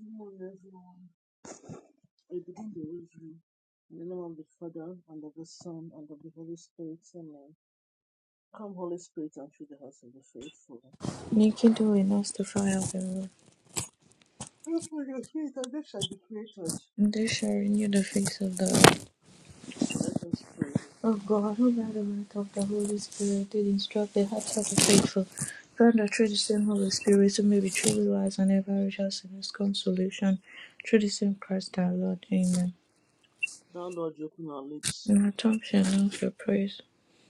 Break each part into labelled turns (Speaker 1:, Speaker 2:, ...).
Speaker 1: I begin the rosary in the name of the Father and of the Son and of the Holy Spirit. Amen. Come, Holy Spirit, and fill the hearts of the faithful.
Speaker 2: Nikido enough to fire the
Speaker 1: Pray for your spirit, and they shall be created.
Speaker 2: and they shall renew the face of the
Speaker 1: Let us pray.
Speaker 2: of God, who by the might of the Holy Spirit did instruct the hearts of the faithful, grant that through the same Holy Spirit we may be truly wise and ever righteous in his consolation, through the same Christ our Lord. Amen.
Speaker 1: Thou Lord, you open our lips
Speaker 2: And our tongue shall announce your praise.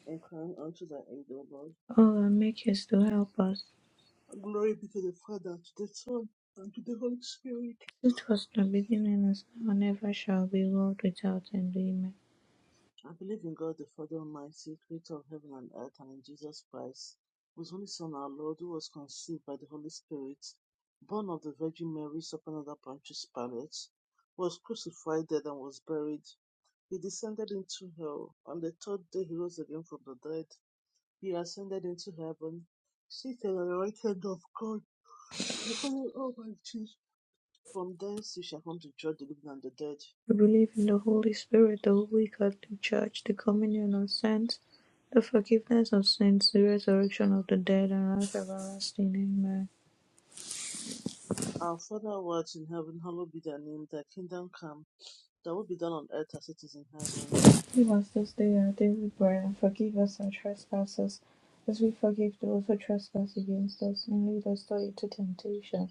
Speaker 1: and crying unto thy aid, O Lord.
Speaker 2: Oh, and make haste to help us.
Speaker 1: Glory be to the Father, to the Son, and to the Holy Spirit.
Speaker 2: It was in the beginning, as now and ever shall be, world without end. Amen.
Speaker 1: I believe in God the Father Almighty, creator of heaven and earth, and in Jesus Christ, whose only Son, our Lord, who was conceived by the Holy Spirit, born of the Virgin Mary, suffered under Pontius Pilate, was crucified, dead, and was buried. He descended into hell. On the third day, he rose again from the dead. He ascended into heaven, seated at the right hand of God, the Father Almighty. From thence he shall come to judge the living and the dead.
Speaker 2: We believe in the Holy Spirit, the Holy Catholic Church, the communion of saints, the forgiveness of sins, the resurrection of the dead, and life everlasting. Amen.
Speaker 1: Our Father who art in heaven, hallowed be thy name. Thy kingdom come. That will be done on earth as it is in heaven.
Speaker 2: Give us this day our daily bread, and forgive us our trespasses, as we forgive those who trespass against us, and lead us not into temptation,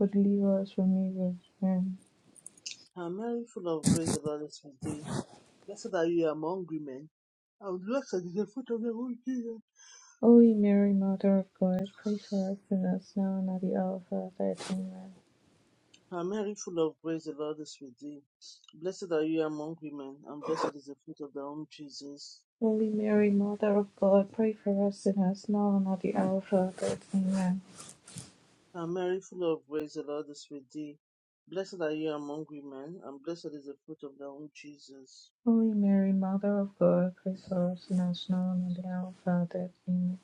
Speaker 2: but deliver us from evil. Amen.
Speaker 1: Hail Mary, full of grace, the Lord is with thee. Blessed are you among women, and blessed is the fruit of your womb, Jesus.
Speaker 2: Holy Mary, Mother of God, pray for us sinners now and at the hour of our death. Amen.
Speaker 1: Hail Mary, full of grace, the Lord is with thee. Blessed are you among women, and blessed is the fruit of thy womb, Jesus.
Speaker 2: Holy Mary, Mother of God, pray for us sinners, now and at the hour of our death. Amen.
Speaker 1: Hail Mary, full of grace, the Lord is with thee. Blessed are you among women, and blessed is the fruit of thy womb, Jesus.
Speaker 2: Holy Mary, Mother of God, pray for us sinners, now and at the hour of our death. Amen.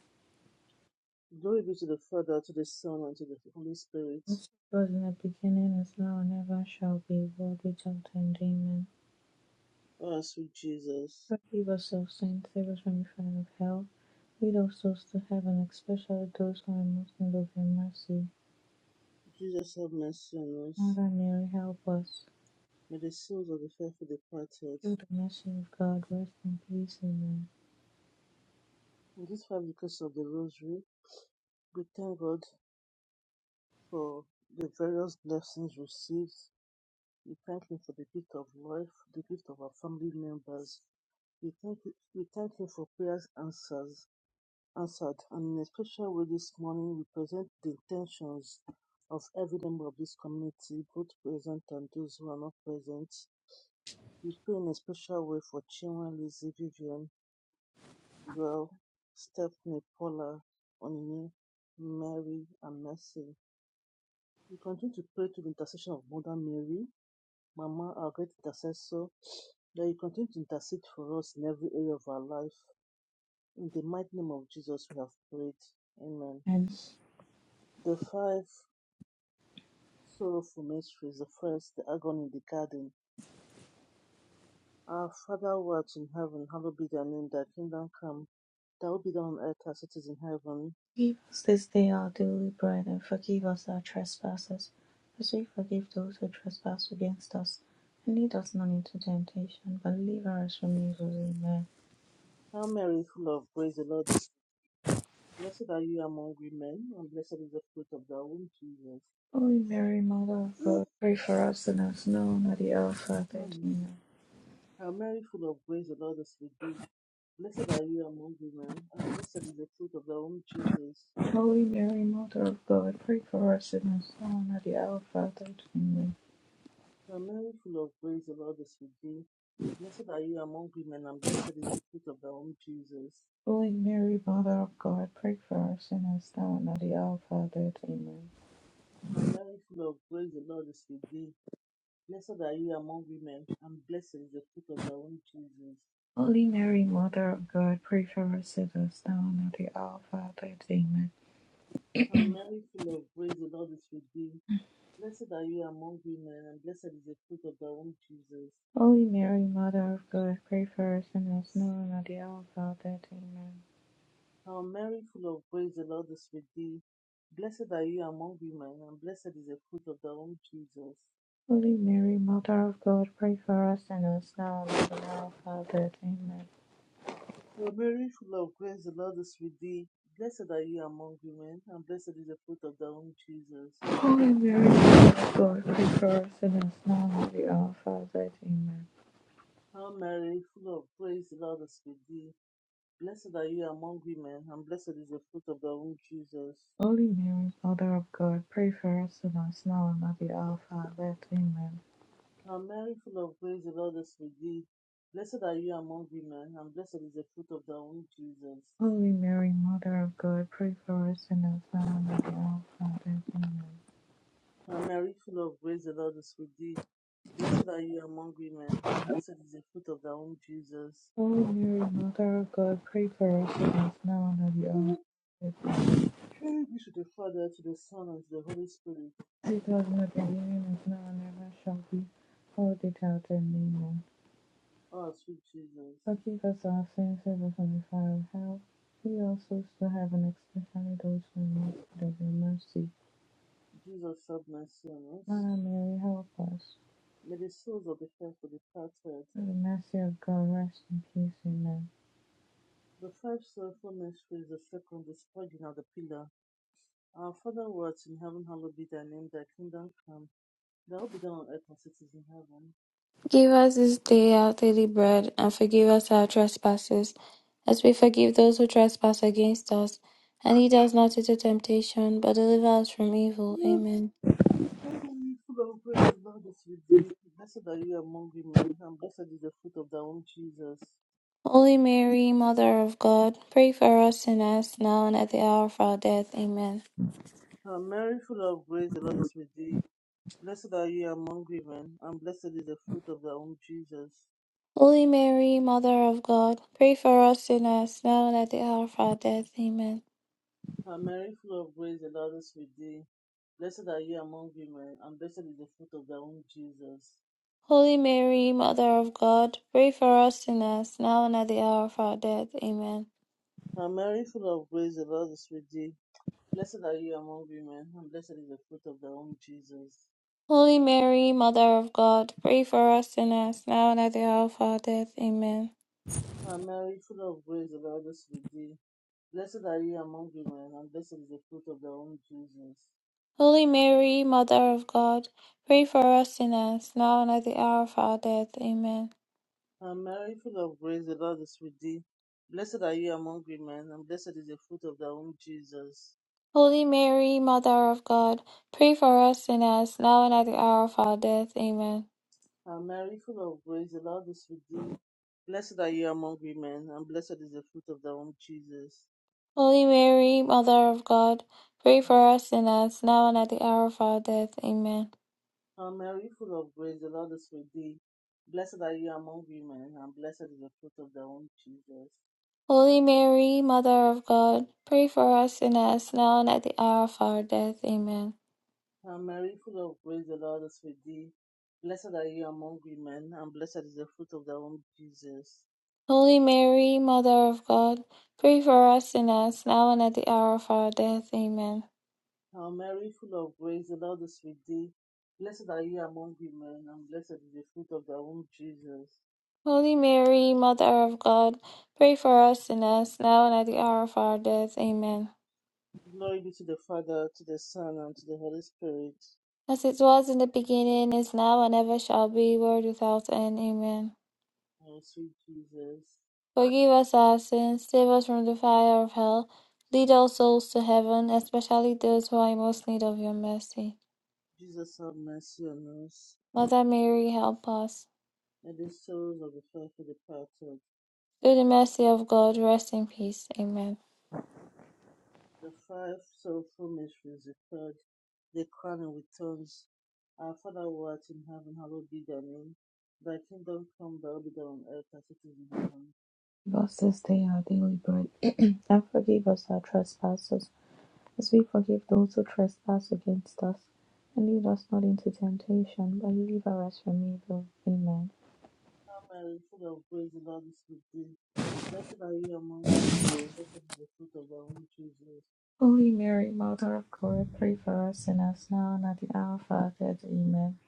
Speaker 1: Glory be to the Father, to the Son, and to the Holy Spirit.
Speaker 2: As it was in the beginning, is now, and ever shall be, world without end. Amen.
Speaker 1: Oh, sweet Jesus.
Speaker 2: Forgive us our sins, save us from the fire of hell. Lead our souls to heaven, especially those who are most in need of your mercy.
Speaker 1: Jesus, have mercy on us.
Speaker 2: Mother Mary, help us.
Speaker 1: May the souls of the faithful departed
Speaker 2: Through the mercy of God, rest in peace. Amen.
Speaker 1: in this five decades of the Rosary, we thank God for the various blessings received. We thank Him for the gift of life, the gift of our family members. We thank, we thank Him for prayers answers, answered. And in a special way this morning, we present the intentions of every member of this community, both present and those who are not present. We pray in a special way for Chinwa, Lizzie, Vivian, Drew, Stephanie, Paula, Onini, Mary, and Mercy. We continue to pray to the intercession of Mother Mary, Mama, our great intercessor, that you continue to intercede for us in every area of our life. In the mighty name of Jesus, we have prayed. Amen.
Speaker 2: And
Speaker 1: The five sorrowful mysteries, the first, the agony in the garden. Our Father who art in heaven, hallowed be thy name, thy kingdom come, thy will be done on earth as it is in heaven.
Speaker 2: Forgive us this day our daily bread, and forgive us our trespasses, as we forgive those who trespass against us. And lead us not into temptation, but deliver us from evil. Amen.
Speaker 1: Hail Mary, full of grace, the Lord is Blessed are you among women, and blessed is the fruit of thy womb, Jesus.
Speaker 2: Holy Mary, Mother of God, pray for us sinners, now and at the hour of our death.
Speaker 1: Mm.
Speaker 2: Amen.
Speaker 1: Hail Mary, full of grace, the Lord is with thee. Blessed are you among women, and blessed is the fruit of thy womb, Jesus.
Speaker 2: Holy Mary, Mother of God, pray for us sinners, now and at the hour of our death. Amen.
Speaker 1: Hail Mary, full of grace, the Lord is with thee. Blessed are you among women, and blessed is the fruit of thy womb, Jesus.
Speaker 2: Holy Mary, Mother of God, pray for us sinners, now and at the hour of our death. Amen.
Speaker 1: Hail Mary, full of grace, the Lord is with thee. Blessed are you among women, and blessed is the fruit of thy womb, Jesus.
Speaker 2: Holy Mary, Mother of God, pray for us sinners now and at the hour of our death. Amen.
Speaker 1: Hail Mary, full of grace, the Lord is with thee. Blessed are you among women, and blessed is the fruit of thy womb, Jesus.
Speaker 2: Holy Mary, Mother of God, pray for us sinners now and at the hour of our death. Amen.
Speaker 1: Hail Mary, full of grace, the Lord is with thee. Blessed are you among women, and blessed is the fruit of thy womb, Jesus.
Speaker 2: Holy Mary, Mother of God, pray for us sinners now and at the hour of our death. Amen.
Speaker 1: Hail Mary, full of grace, the Lord is with thee. Blessed are you among women, and blessed is the fruit of thy womb, Jesus.
Speaker 2: Holy Mary, Mother of God, pray for us sinners now and at the hour of our death. Amen.
Speaker 1: Hail Mary, full of grace, the Lord is with thee. Blessed are you among women, and blessed is the fruit of thy womb, Jesus.
Speaker 2: Holy Mary, Mother of God, pray for us sinners now and at the hour of our death. Amen.
Speaker 1: Hail Mary, full of grace, the Lord is with thee. Blessed are you among women, and blessed is the fruit of thy womb, Jesus.
Speaker 2: Holy Mary, Mother of God, pray for us sinners now and at the hour of our death. Amen.
Speaker 1: Hail Mary, full of grace, the Lord is with thee. Blessed are you among women, and blessed is the fruit of thy womb, Jesus.
Speaker 2: Holy Mary, Mother of God, pray for us sinners now and at the hour
Speaker 1: Glory
Speaker 2: of our death.
Speaker 1: be to the Father, to the Son, and to the Holy Spirit.
Speaker 2: Take us not into temptation, but now and ever shall be. All the out Amen.
Speaker 1: Oh, sweet Jesus.
Speaker 2: Forgive us our sins, save us from the fire of hell. We also to heaven, especially those who need of your mercy.
Speaker 1: Jesus, have mercy on us.
Speaker 2: Mother Mary, help us.
Speaker 1: May the souls of the faithful departed,
Speaker 2: Through the mercy of God, rest in peace. Amen.
Speaker 1: the five sorrowful mysteries, the second, the scourging of the pillar. Our Father who art in heaven, hallowed be thy name, thy kingdom come. They'll be done on earth as it is in heaven.
Speaker 3: Give us this day our daily bread, and forgive us our trespasses, as we forgive those who trespass against us. And lead us not into temptation, but deliver us from evil.
Speaker 1: Mm,
Speaker 3: Amen.
Speaker 1: Heaven full of praise, the Lord is with thee. Blessed are you among women, and blessed is the fruit of thy womb, Jesus.
Speaker 3: Holy Mary, Mother of God, pray for us sinners, now and at the hour of our death. Amen.
Speaker 1: And Mary, full of grace, the Lord is with thee. Blessed are you among women, and blessed is the fruit of thy womb, Jesus.
Speaker 3: Holy Mary, Mother of God, pray for us sinners, now and at the hour of our death. Amen.
Speaker 1: And Mary, full of grace, the Lord is with thee. Blessed are you among women, and blessed is the fruit of thy womb, Jesus.
Speaker 3: Holy Mary, Mother of God, pray for us sinners, now and at the hour of our death. Amen.
Speaker 1: And Mary, full of grace, the Lord is with thee. Blessed are you among women, and blessed is the fruit of thy womb, Jesus.
Speaker 3: Holy Mary, Mother of God, pray for us sinners, now and at the hour of our death. Amen.
Speaker 1: And Mary, full of grace, the Lord is with thee. Blessed are you among women, and blessed is the fruit of thy womb, Jesus.
Speaker 3: Holy Mary, Mother of God, pray for us sinners, now and at the hour of our death. Amen.
Speaker 1: And Mary, full of grace, the Lord is with thee. Blessed are you among women, and blessed is the fruit of thy womb, Jesus.
Speaker 3: Holy Mary, Mother of God, pray for us sinners, now and at the hour of our death. Amen.
Speaker 1: And Mary, full of grace, the Lord is with thee. Blessed are you among women, and blessed is the fruit of thy womb, Jesus.
Speaker 3: Holy Mary, Mother of God, pray for us sinners, now and at the hour of our death. Amen.
Speaker 1: And Mary, full of grace, the Lord is with thee. Blessed are you among women, and blessed is the fruit of thy womb, Jesus.
Speaker 3: Holy Mary, Mother of God, pray for us sinners, now and at the hour of our death. Amen.
Speaker 1: Hail Mary, full of grace, the Lord is with thee. Blessed are you among women, and blessed is the fruit of thy womb, Jesus.
Speaker 3: Holy Mary, Mother of God, pray for us sinners, now and at the hour of our death. Amen.
Speaker 1: Hail Mary, full of grace, the Lord is with thee. Blessed are you among women, and blessed is the fruit of thy womb, Jesus.
Speaker 3: Holy Mary, Mother of God, pray for us sinners, now and at the hour of our death. Amen.
Speaker 1: Glory be to the Father, to the Son, and to the Holy Spirit.
Speaker 3: As it was in the beginning, is now, and ever shall be, world without end. Amen.
Speaker 1: O sweet Jesus,
Speaker 3: Forgive us our sins, save us from the fire of hell, lead all souls to heaven, especially those who are in most need of your mercy.
Speaker 1: Jesus have mercy on us,
Speaker 3: Mother Mary, help us.
Speaker 1: and the souls of the faithful departed.
Speaker 3: Through the mercy of God, rest in peace. Amen.
Speaker 1: The five sorrowful mysteries referred the crowning with tongues. Our Father who art in heaven, hallowed be thy name. Thy kingdom come, thy will be done on earth as it is in heaven.
Speaker 2: Give us this day our daily bread, and forgive us our trespasses, as we forgive those who trespass against us. And lead us not into temptation, but deliver us from evil. Amen.
Speaker 1: Hail Mary, full of grace, the Lord is with thee. Blessed are you among women, and blessed is the fruit of thy womb, Jesus.
Speaker 2: Holy Mary, Mother of God, pray for us sinners now and at the hour of our death. Amen.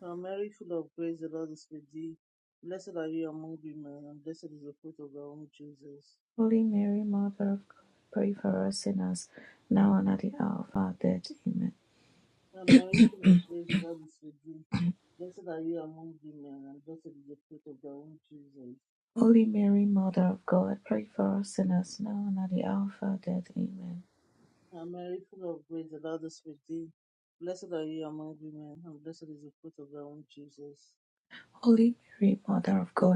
Speaker 1: Hail Mary, full of grace, the Lord is with thee. Blessed are you among women, and blessed is the fruit of thy womb, Jesus.
Speaker 2: Holy Mary, Mother of God, pray for us sinners now and at the hour of our death. Amen.
Speaker 1: Hail Mary, full of grace, the Lord is with thee. Blessed are you among women, and blessed is the fruit of thy womb, Jesus.
Speaker 2: Holy Mary, Mother of God, pray for us sinners now and at the hour of our death. Amen.
Speaker 1: Ah, Mary, full of grace, the Lord is with thee. Blessed are you among women, and blessed is the fruit of thy womb, Jesus.
Speaker 2: Holy Mary, Mother of God,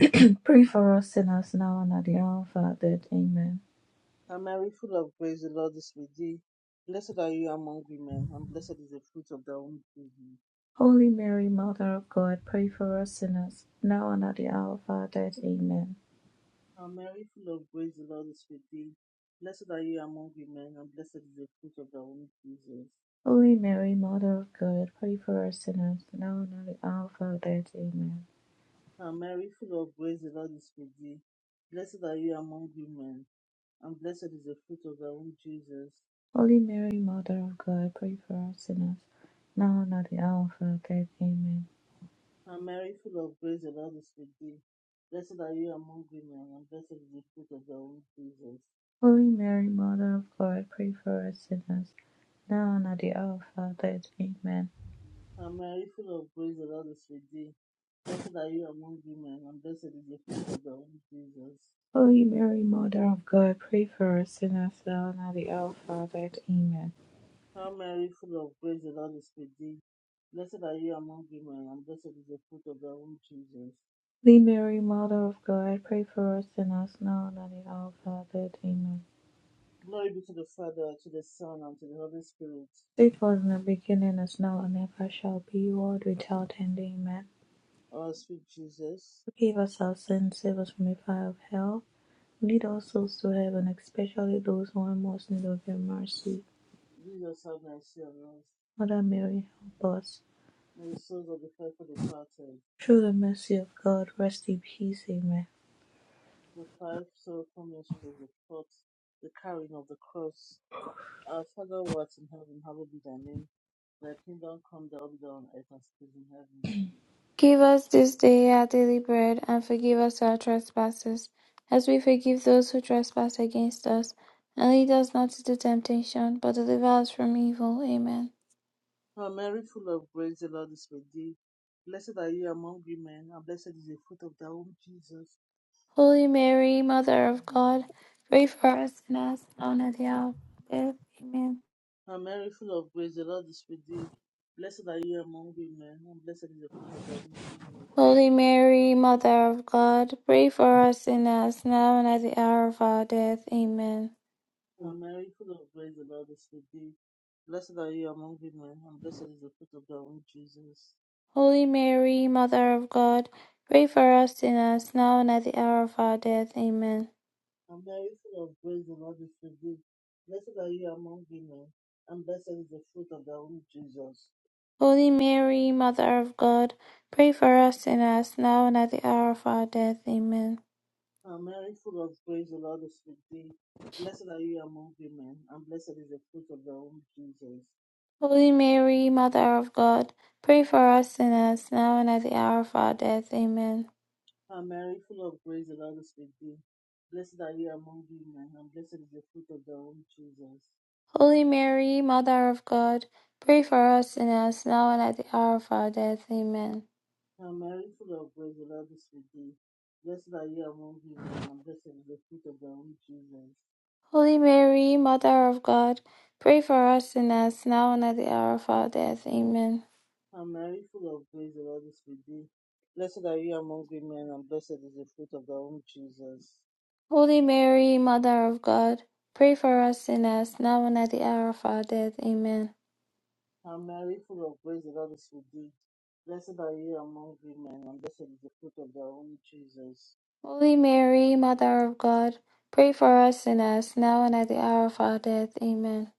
Speaker 2: Pray for us sinners now and at the hour of our death. Amen.
Speaker 1: Ah, Mary, full of grace, the Lord is with thee. Blessed are you among women, and blessed is the fruit of thy womb, Jesus.
Speaker 2: Holy Mary, Mother of God, pray for us sinners now and at the hour of our death. Amen.
Speaker 1: Ah, Mary, full of grace, the Lord is with thee. Blessed are you among women, and blessed is the fruit of thy womb, Jesus.
Speaker 2: Holy Mary, Mother of God, pray for us sinners now and at the hour of our death. Amen.
Speaker 1: Ah, Mary, full of grace, the Lord is with thee. Blessed are you among women, and blessed is the fruit of thy womb, Jesus.
Speaker 2: Holy Mary, Mother of God, pray for us sinners now and at the hour of our death. Amen.
Speaker 1: And Mary, full of grace, the Lord is with thee. Blessed are you among women, and blessed is the fruit of thy womb, Jesus.
Speaker 2: Holy Mary, Mother of God, pray for us sinners now and at the hour of our death. Amen.
Speaker 1: And Mary, full of grace, the Lord is with thee. Blessed are you among women, and blessed is the fruit of thy womb, Jesus.
Speaker 2: Holy Mary, Mother of God, pray for us sinners now and at the hour of our death. Amen.
Speaker 1: And Mary, full of grace, the Lord is with thee. Blessed are you among women, and blessed is the fruit of thy womb, Jesus.
Speaker 2: Holy Mary, Mother of God, pray for us sinners now and at the hour of our death. Amen.
Speaker 1: Glory be to the Father, to the Son, and to the Holy Spirit.
Speaker 2: It was in the beginning, as now, and ever shall be, world without end. Amen.
Speaker 1: Our sweet Jesus,
Speaker 2: Forgive us our sins, save us from the fire of hell. Lead all souls to heaven, especially those who are in most in need of your mercy.
Speaker 1: Jesus have mercy on us,
Speaker 2: Mother Mary, help us.
Speaker 1: and the souls of the faithful departed.
Speaker 2: Through the mercy of God, rest in peace. Amen.
Speaker 1: the five sorrowful mysteries of thought, the carrying of the cross. Our Father who art in heaven, hallowed be thy name. Thy kingdom come, thy will be done on earth as it is in heaven.
Speaker 3: Give us this day our daily bread, and forgive us our trespasses, as we forgive those who trespass against us. And lead us not into temptation, but deliver us from evil. Amen.
Speaker 1: Hail Mary, full of grace, the Lord is with thee. Blessed are you among women, and blessed is the fruit of thy womb, Jesus.
Speaker 3: Holy Mary, Mother of God, pray for us sinners, now and at the hour of our death. Amen.
Speaker 1: Hail Mary, full of grace, the Lord is with thee. Blessed are you among women, and blessed is the fruit of thy womb, Jesus.
Speaker 3: Holy Mary, Mother of God, pray for us sinners, now and at the hour of our death. Amen.
Speaker 1: Hail Mary, full of grace, the Lord is with thee. Blessed are you among women, and blessed is the fruit of thy womb, Jesus.
Speaker 3: Holy Mary, Mother of God, pray for us sinners, now and at the hour of our death. Amen.
Speaker 1: and very full of grace, the Lord is with thee. Blessed are you among women, and blessed is the fruit of thy womb, Jesus.
Speaker 3: Holy Mary, Mother of God, pray for us sinners, now and at the hour of our death. Amen.
Speaker 1: And Mary, full of grace, the Lord is with thee. Blessed are you among women, and blessed is the fruit of thy womb, Jesus.
Speaker 3: Holy Mary, Mother of God, pray for us sinners, now and at the hour of our death. Amen.
Speaker 1: And Mary, full of grace, the Lord is with thee. Blessed are you among women, and blessed is the fruit of thy womb, Jesus.
Speaker 3: Holy Mary, Mother of God, pray for us sinners, now and at the hour of our death. Amen.
Speaker 1: And Mary, full of grace, the Lord is with thee. Blessed are you among women, and blessed is the fruit of thy womb, Jesus.
Speaker 3: Holy Mary, Mother of God, pray for us sinners, now and at the hour of our death. Amen.
Speaker 1: And Mary, full of grace, the Lord is with thee. Blessed are you among women, and blessed is the fruit of thy womb, Jesus.
Speaker 3: Holy Mary, Mother of God, pray for us sinners, now and at the hour of our death. Amen.
Speaker 1: And Mary, full of grace, the Lord is with thee. Blessed are you among women, and blessed is the fruit of thy womb, Jesus.
Speaker 3: Holy Mary, Mother of God, pray for us sinners, now and at the hour of our death. Amen.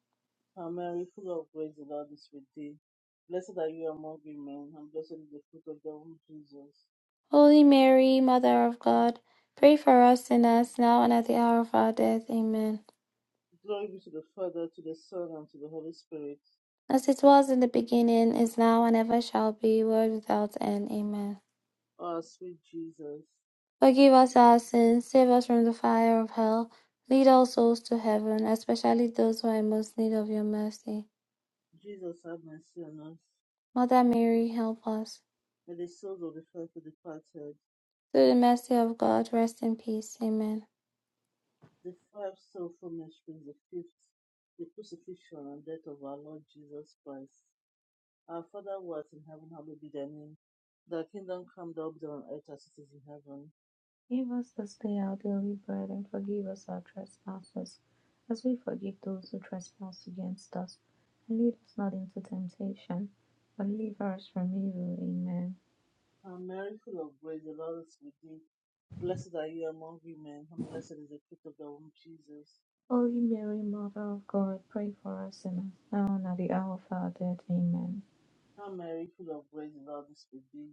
Speaker 1: And Mary, full of grace, the Lord is with thee. Blessed are you among women, and blessed is the fruit of thy womb, Jesus.
Speaker 3: Holy Mary, Mother of God, pray for us sinners, now and at the hour of our death. Amen.
Speaker 1: Glory be to the Father, to the Son, and to the Holy Spirit.
Speaker 3: As it was in the beginning, is now, and ever shall be, world without end. Amen.
Speaker 1: O our sweet Jesus,
Speaker 3: Forgive us our sins, save us from the fire of hell, lead all souls to heaven, especially those who are in most need of your mercy.
Speaker 1: Jesus, have mercy on us.
Speaker 3: Mother Mary, help us.
Speaker 1: May the souls of the faithful departed
Speaker 3: Through the mercy of God, rest in peace. Amen.
Speaker 1: The five sorrowful mysteries, the fifth, the crucifixion and death of our Lord Jesus Christ. Our Father who art in heaven, hallowed be thy name. Thy kingdom come, thy will be done on earth as it is in heaven.
Speaker 2: Give us this day our daily bread, and forgive us our trespasses, as we forgive those who trespass against us. And lead us not into temptation, but deliver us from evil. Amen.
Speaker 1: And Mary, full of grace, the Lord is with thee. Blessed are you among women, and blessed is the fruit of thy womb, Jesus.
Speaker 2: Holy Mary, Mother of God, pray for us sinners, now and at the hour of our death. Amen.
Speaker 1: Hail Mary, full of grace, the Lord is with thee.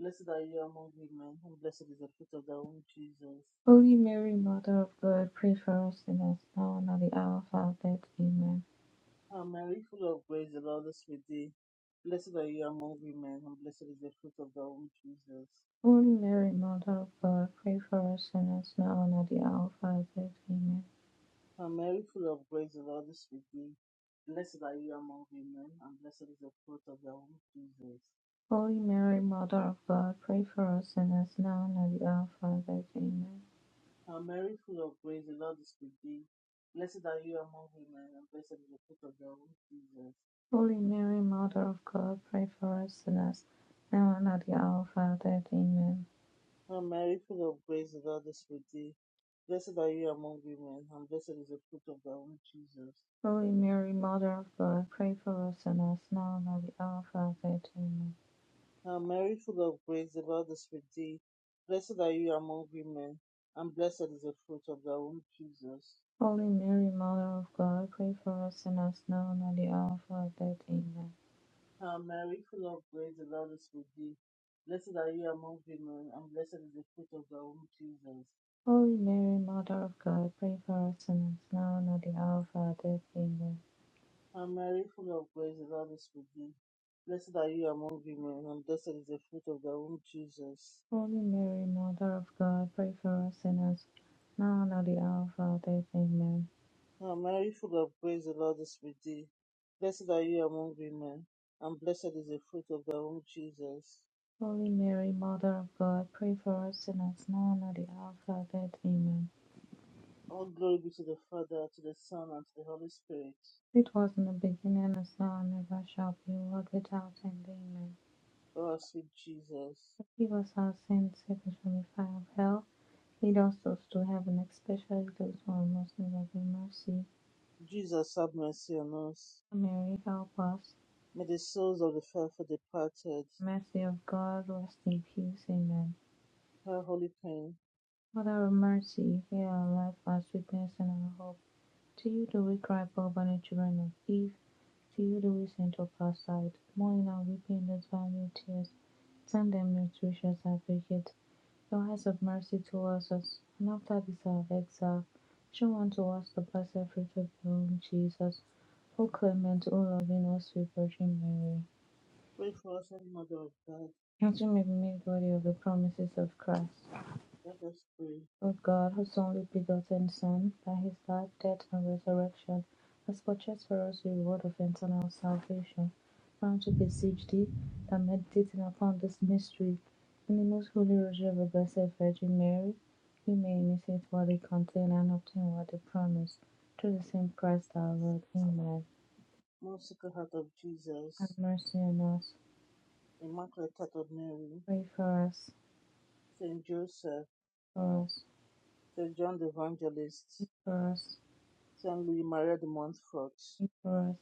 Speaker 1: Blessed are you among women, and blessed is the fruit of thy womb, Jesus.
Speaker 2: Holy Mary, Mother of God, pray for us sinners, now and at the hour of our death. Amen.
Speaker 1: Um, Mary, full of grace, the Lord is with thee. Blessed are you among women, and blessed is the fruit of thy womb, Jesus.
Speaker 2: Holy Mary, Mother of God, pray for us sinners, now and at the hour of our death. Amen.
Speaker 1: And Mary, full of grace, the Lord is with thee. Blessed are you among women, and blessed is the fruit of thy womb, Jesus.
Speaker 2: Holy Mary, Mother of God, pray for us sinners now and at the hour of our death. Amen.
Speaker 1: And Mary, full of grace, the Lord is with thee. Blessed are you among women, and blessed is the fruit of thy womb, Jesus.
Speaker 2: Holy Mary, Mother of God, pray for us sinners now and at the hour of our death. Amen.
Speaker 1: And Mary, full of grace, the Lord is with thee. Blessed are you among women, and blessed is the fruit of thy womb, Jesus.
Speaker 2: Holy Mary, Mother of God, pray for us sinners now and at the hour of our death. Amen.
Speaker 1: Hail Mary, full of grace, the Lord is with thee. Blessed are you among women, and blessed is the fruit of thy womb, Jesus.
Speaker 2: Holy Mary, Mother of God, pray for us sinners now and at the hour of our death. Amen.
Speaker 1: Hail Mary, full of grace, the Lord is with thee. Blessed are you among women, and blessed is the fruit of thy womb, Jesus.
Speaker 2: Holy Mary, Mother of God, pray for us sinners now and at the hour of our death. Amen.
Speaker 1: Hail Mary, full of grace, the Lord is with thee. Blessed are you among women, and blessed is the fruit of thy womb, Jesus.
Speaker 2: Holy Mary, Mother of God, pray for us sinners, now and at the hour of our death. Amen.
Speaker 1: Hail Mary, full of grace, the Lord is with thee. Blessed are you among women, and blessed is the fruit of thy womb, Jesus.
Speaker 2: Holy Mary, Mother of God, pray for us sinners, now and at the hour of our death. Amen.
Speaker 1: All glory be to the Father, to the Son, and to the Holy Spirit.
Speaker 2: It was in the beginning, as now, and ever shall be, world without end. Amen.
Speaker 1: O our sweet Jesus.
Speaker 2: Forgive us our sins, save us from the fire of hell. Lead us those to heaven, especially those who are most in need of your mercy.
Speaker 1: Jesus, have mercy on us.
Speaker 2: Mary, help us.
Speaker 1: May the souls of the faithful departed,
Speaker 2: Mercy of God, rest in peace. Amen.
Speaker 1: her holy pain,
Speaker 2: Father of mercy, hear our life, our sweetness, and our hope. To you do we cry, poor banished children of Eve. To you do we send up our sight, mourning our weeping those valiant tears. Send them your gracious advocate, your eyes of mercy towards us, and after this our exile, show unto us the blessed fruit of your womb, Jesus. O clement, O loving, O sweet Virgin Mary,
Speaker 1: pray for us, Holy Mother of God.
Speaker 2: that we may be made worthy of the promises of Christ.
Speaker 1: Let us pray.
Speaker 2: O God, whose only begotten Son, by his life, death, and resurrection, has purchased for us the reward of eternal salvation. Now to beseech thee that meditating upon this mystery in the most holy rosary of the Blessed Virgin Mary, we may imitate what they contain and obtain what they promise. Through the same Christ our Lord. Amen.
Speaker 1: Most Sacred Heart of
Speaker 2: Have
Speaker 1: Jesus,
Speaker 2: mercy on us.
Speaker 1: Immaculate Heart of Mary,
Speaker 2: Pray for us.
Speaker 1: Saint Joseph,
Speaker 2: For us.
Speaker 1: Saint John the
Speaker 2: Pray
Speaker 1: Evangelist,
Speaker 2: for us.
Speaker 1: Saint Louis Maria de Montfort,
Speaker 2: Pray for us.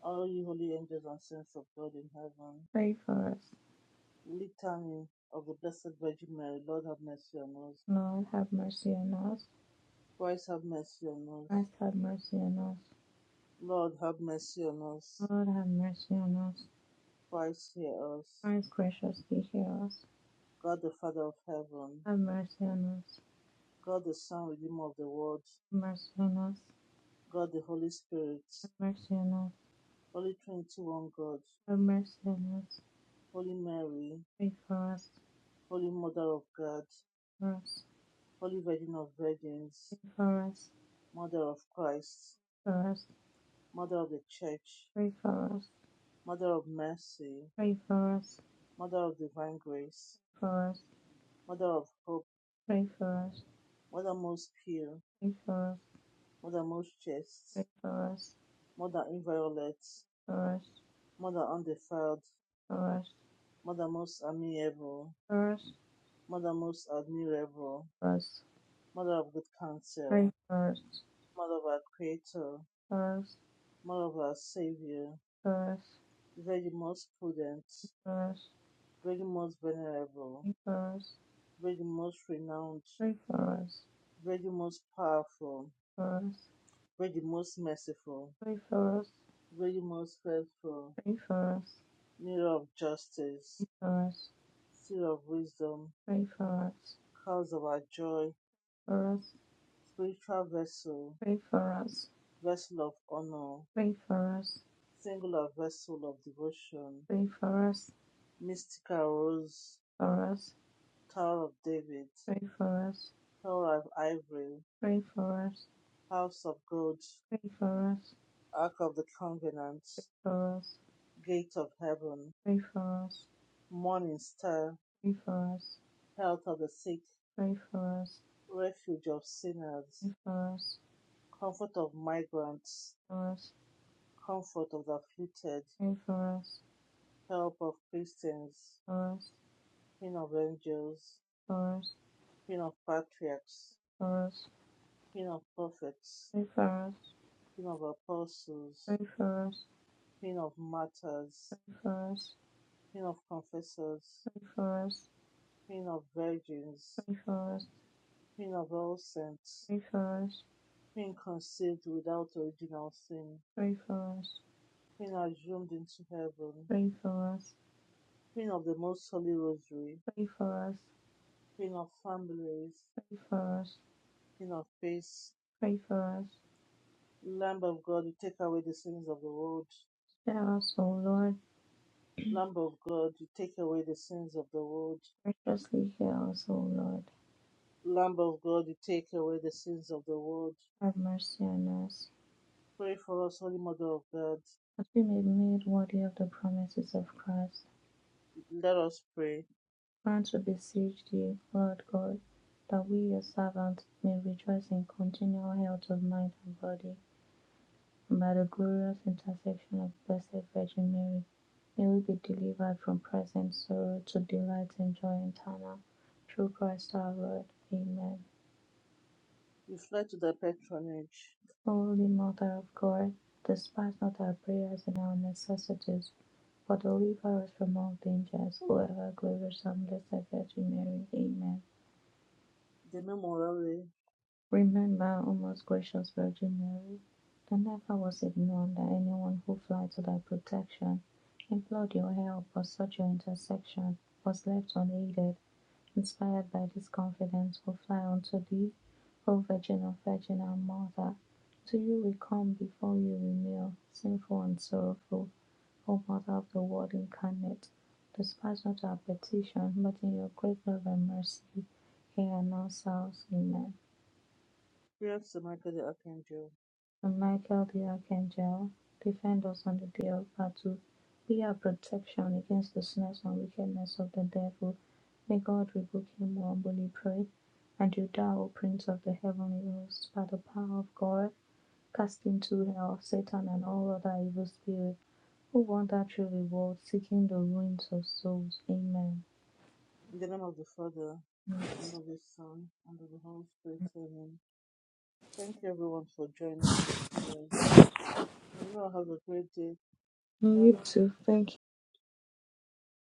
Speaker 1: all you holy angels and saints of God in heaven,
Speaker 2: Pray for us.
Speaker 1: litany of the Blessed Virgin Mary, Lord have mercy on us.
Speaker 2: Lord, have mercy on us.
Speaker 1: Christ have mercy on us.
Speaker 2: Christ have mercy on us.
Speaker 1: Lord have mercy on us.
Speaker 2: Lord have mercy on us.
Speaker 1: Christ hear us.
Speaker 2: Christ graciously hear us.
Speaker 1: God the Father of heaven.
Speaker 2: Have mercy on us.
Speaker 1: God the Son, Redeemer of the world.
Speaker 2: Have mercy on us.
Speaker 1: God the Holy Spirit.
Speaker 2: Have mercy on us.
Speaker 1: Holy Trinity, one God.
Speaker 2: Have mercy on us.
Speaker 1: Holy Mary.
Speaker 2: Pray for us.
Speaker 1: Holy Mother of God.
Speaker 2: For us.
Speaker 1: Holy Virgin of Virgins.
Speaker 2: Pray for us.
Speaker 1: Mother of Christ.
Speaker 2: For us.
Speaker 1: Mother of the Church.
Speaker 2: Pray for us.
Speaker 1: Mother of mercy.
Speaker 2: Pray for us.
Speaker 1: Mother of divine grace.
Speaker 2: For us.
Speaker 1: Mother of hope.
Speaker 2: Pray for us. Pray for us.
Speaker 1: Mother most pure.
Speaker 2: Pray for
Speaker 1: Mother most chaste.
Speaker 2: us.
Speaker 1: Mother inviolate
Speaker 2: For us.
Speaker 1: Mother undefiled, Mother most amiable,
Speaker 2: For
Speaker 1: Mother most admirable,
Speaker 2: us. For us.
Speaker 1: Mother of good
Speaker 2: For us. Pray
Speaker 1: counsel,
Speaker 2: for us.
Speaker 1: Mother of our Creator,
Speaker 2: For us.
Speaker 1: Mother of our Savior,
Speaker 2: For
Speaker 1: Virgin most prudent,
Speaker 2: us. For us.
Speaker 1: Virgin most venerable,
Speaker 2: Pray for us.
Speaker 1: Virgin most renowned,
Speaker 2: Pray for us.
Speaker 1: Virgin most powerful,
Speaker 2: For us.
Speaker 1: Virgin most merciful,
Speaker 2: Pray for us,
Speaker 1: Virgin most faithful,
Speaker 2: pray for us,
Speaker 1: Mirror of
Speaker 2: pray
Speaker 1: justice,
Speaker 2: for us,
Speaker 1: seal of wisdom,
Speaker 2: pray for us,
Speaker 1: Cause of our joy,
Speaker 2: for us,
Speaker 1: Spiritual vessel,
Speaker 2: pray for us,
Speaker 1: Vessel of honor,
Speaker 2: pray for us,
Speaker 1: Singular vessel of devotion,
Speaker 2: pray for us,
Speaker 1: mystical rose,
Speaker 2: for us,
Speaker 1: Tower of David,
Speaker 2: pray for us,
Speaker 1: Tower of Ivory,
Speaker 2: pray for us,
Speaker 1: House of Gold,
Speaker 2: pray for us,
Speaker 1: Ark of the Covenant,
Speaker 2: pray for us,
Speaker 1: Gate of Heaven,
Speaker 2: pray for us,
Speaker 1: Morning Star,
Speaker 2: pray for us, pray for us,
Speaker 1: Health of the Sick,
Speaker 2: pray for us,
Speaker 1: Refuge of Sinners,
Speaker 2: for us,
Speaker 1: Comfort of Migrants, Comfort of the Afflicted,
Speaker 2: pray for us,
Speaker 1: Help of Christians,
Speaker 2: for us,
Speaker 1: Queen of Angels,
Speaker 2: for us,
Speaker 1: Queen of Patriarchs,
Speaker 2: for us,
Speaker 1: Queen of Prophets,
Speaker 2: pray for us,
Speaker 1: Queen of Apostles,
Speaker 2: pray for us, pray for us,
Speaker 1: Queen of Martyrs, Queen of Confessors,
Speaker 2: pray for us,
Speaker 1: Queen of Virgins,
Speaker 2: pray for us,
Speaker 1: Queen of All Saints,
Speaker 2: pray for us,
Speaker 1: Queen conceived without original sin,
Speaker 2: pray for us.
Speaker 1: Queen assumed into heaven,
Speaker 2: Pray for us,
Speaker 1: Queen of the Most Holy Rosary,
Speaker 2: pray for us,
Speaker 1: Queen of Families,
Speaker 2: pray for us,
Speaker 1: Queen of Peace,
Speaker 2: pray for us.
Speaker 1: Lamb of God, you take away the sins of the world,
Speaker 2: Spare us, O Lord.
Speaker 1: Lamb of God, you take away the sins of the world,
Speaker 2: Graciously hear us, O Lord.
Speaker 1: Lamb of God, you take away the sins of the world.
Speaker 2: Have mercy on us,
Speaker 1: Pray for us, Holy Mother of God.
Speaker 2: that we may be made worthy of the promises of Christ.
Speaker 1: Let us pray.
Speaker 2: Grant, we beseech thee, Lord God, that we, your servants, may rejoice in continual health of mind and body. And by the glorious intercession of Blessed Virgin Mary, may we be delivered from present sorrow to delight and joy eternal. Through Christ our Lord. Amen.
Speaker 1: We fly to thy patronage.
Speaker 2: Holy Mother of God, despise not our prayers and our necessities, but deliver us from all dangers, O ever glorious and blessed Virgin Mary. Amen.
Speaker 1: The name orally,
Speaker 2: Remember, O most gracious Virgin Mary, that never was it known that anyone who fled to thy protection, implored your help, or sought your intercession, was left unaided. Inspired by this confidence, we fly unto thee, O Virgin of Virgin and Mother. To you we come, before you we kneel, sinful and sorrowful, O Mother of the Word incarnate. Despise not our petition, but in your great love and mercy, hear and answer us. Amen.
Speaker 1: prayer to Michael the Archangel.
Speaker 2: And Michael the Archangel, defend us on the day of battle. Be our protection against the snares and wickedness of the devil. May God rebuke him, we humbly pray. And you thou, O Prince of the heavenly host, by the power of God, cast into hell Satan and all other evil spirits who wander through the world seeking the ruins of souls. Amen.
Speaker 1: In the name of the Father, and
Speaker 2: Yes.
Speaker 1: of the Son, and of the Holy Spirit, Amen. Thank you everyone for joining the prayers. May you all have a great day. Bye.
Speaker 2: You too. Thank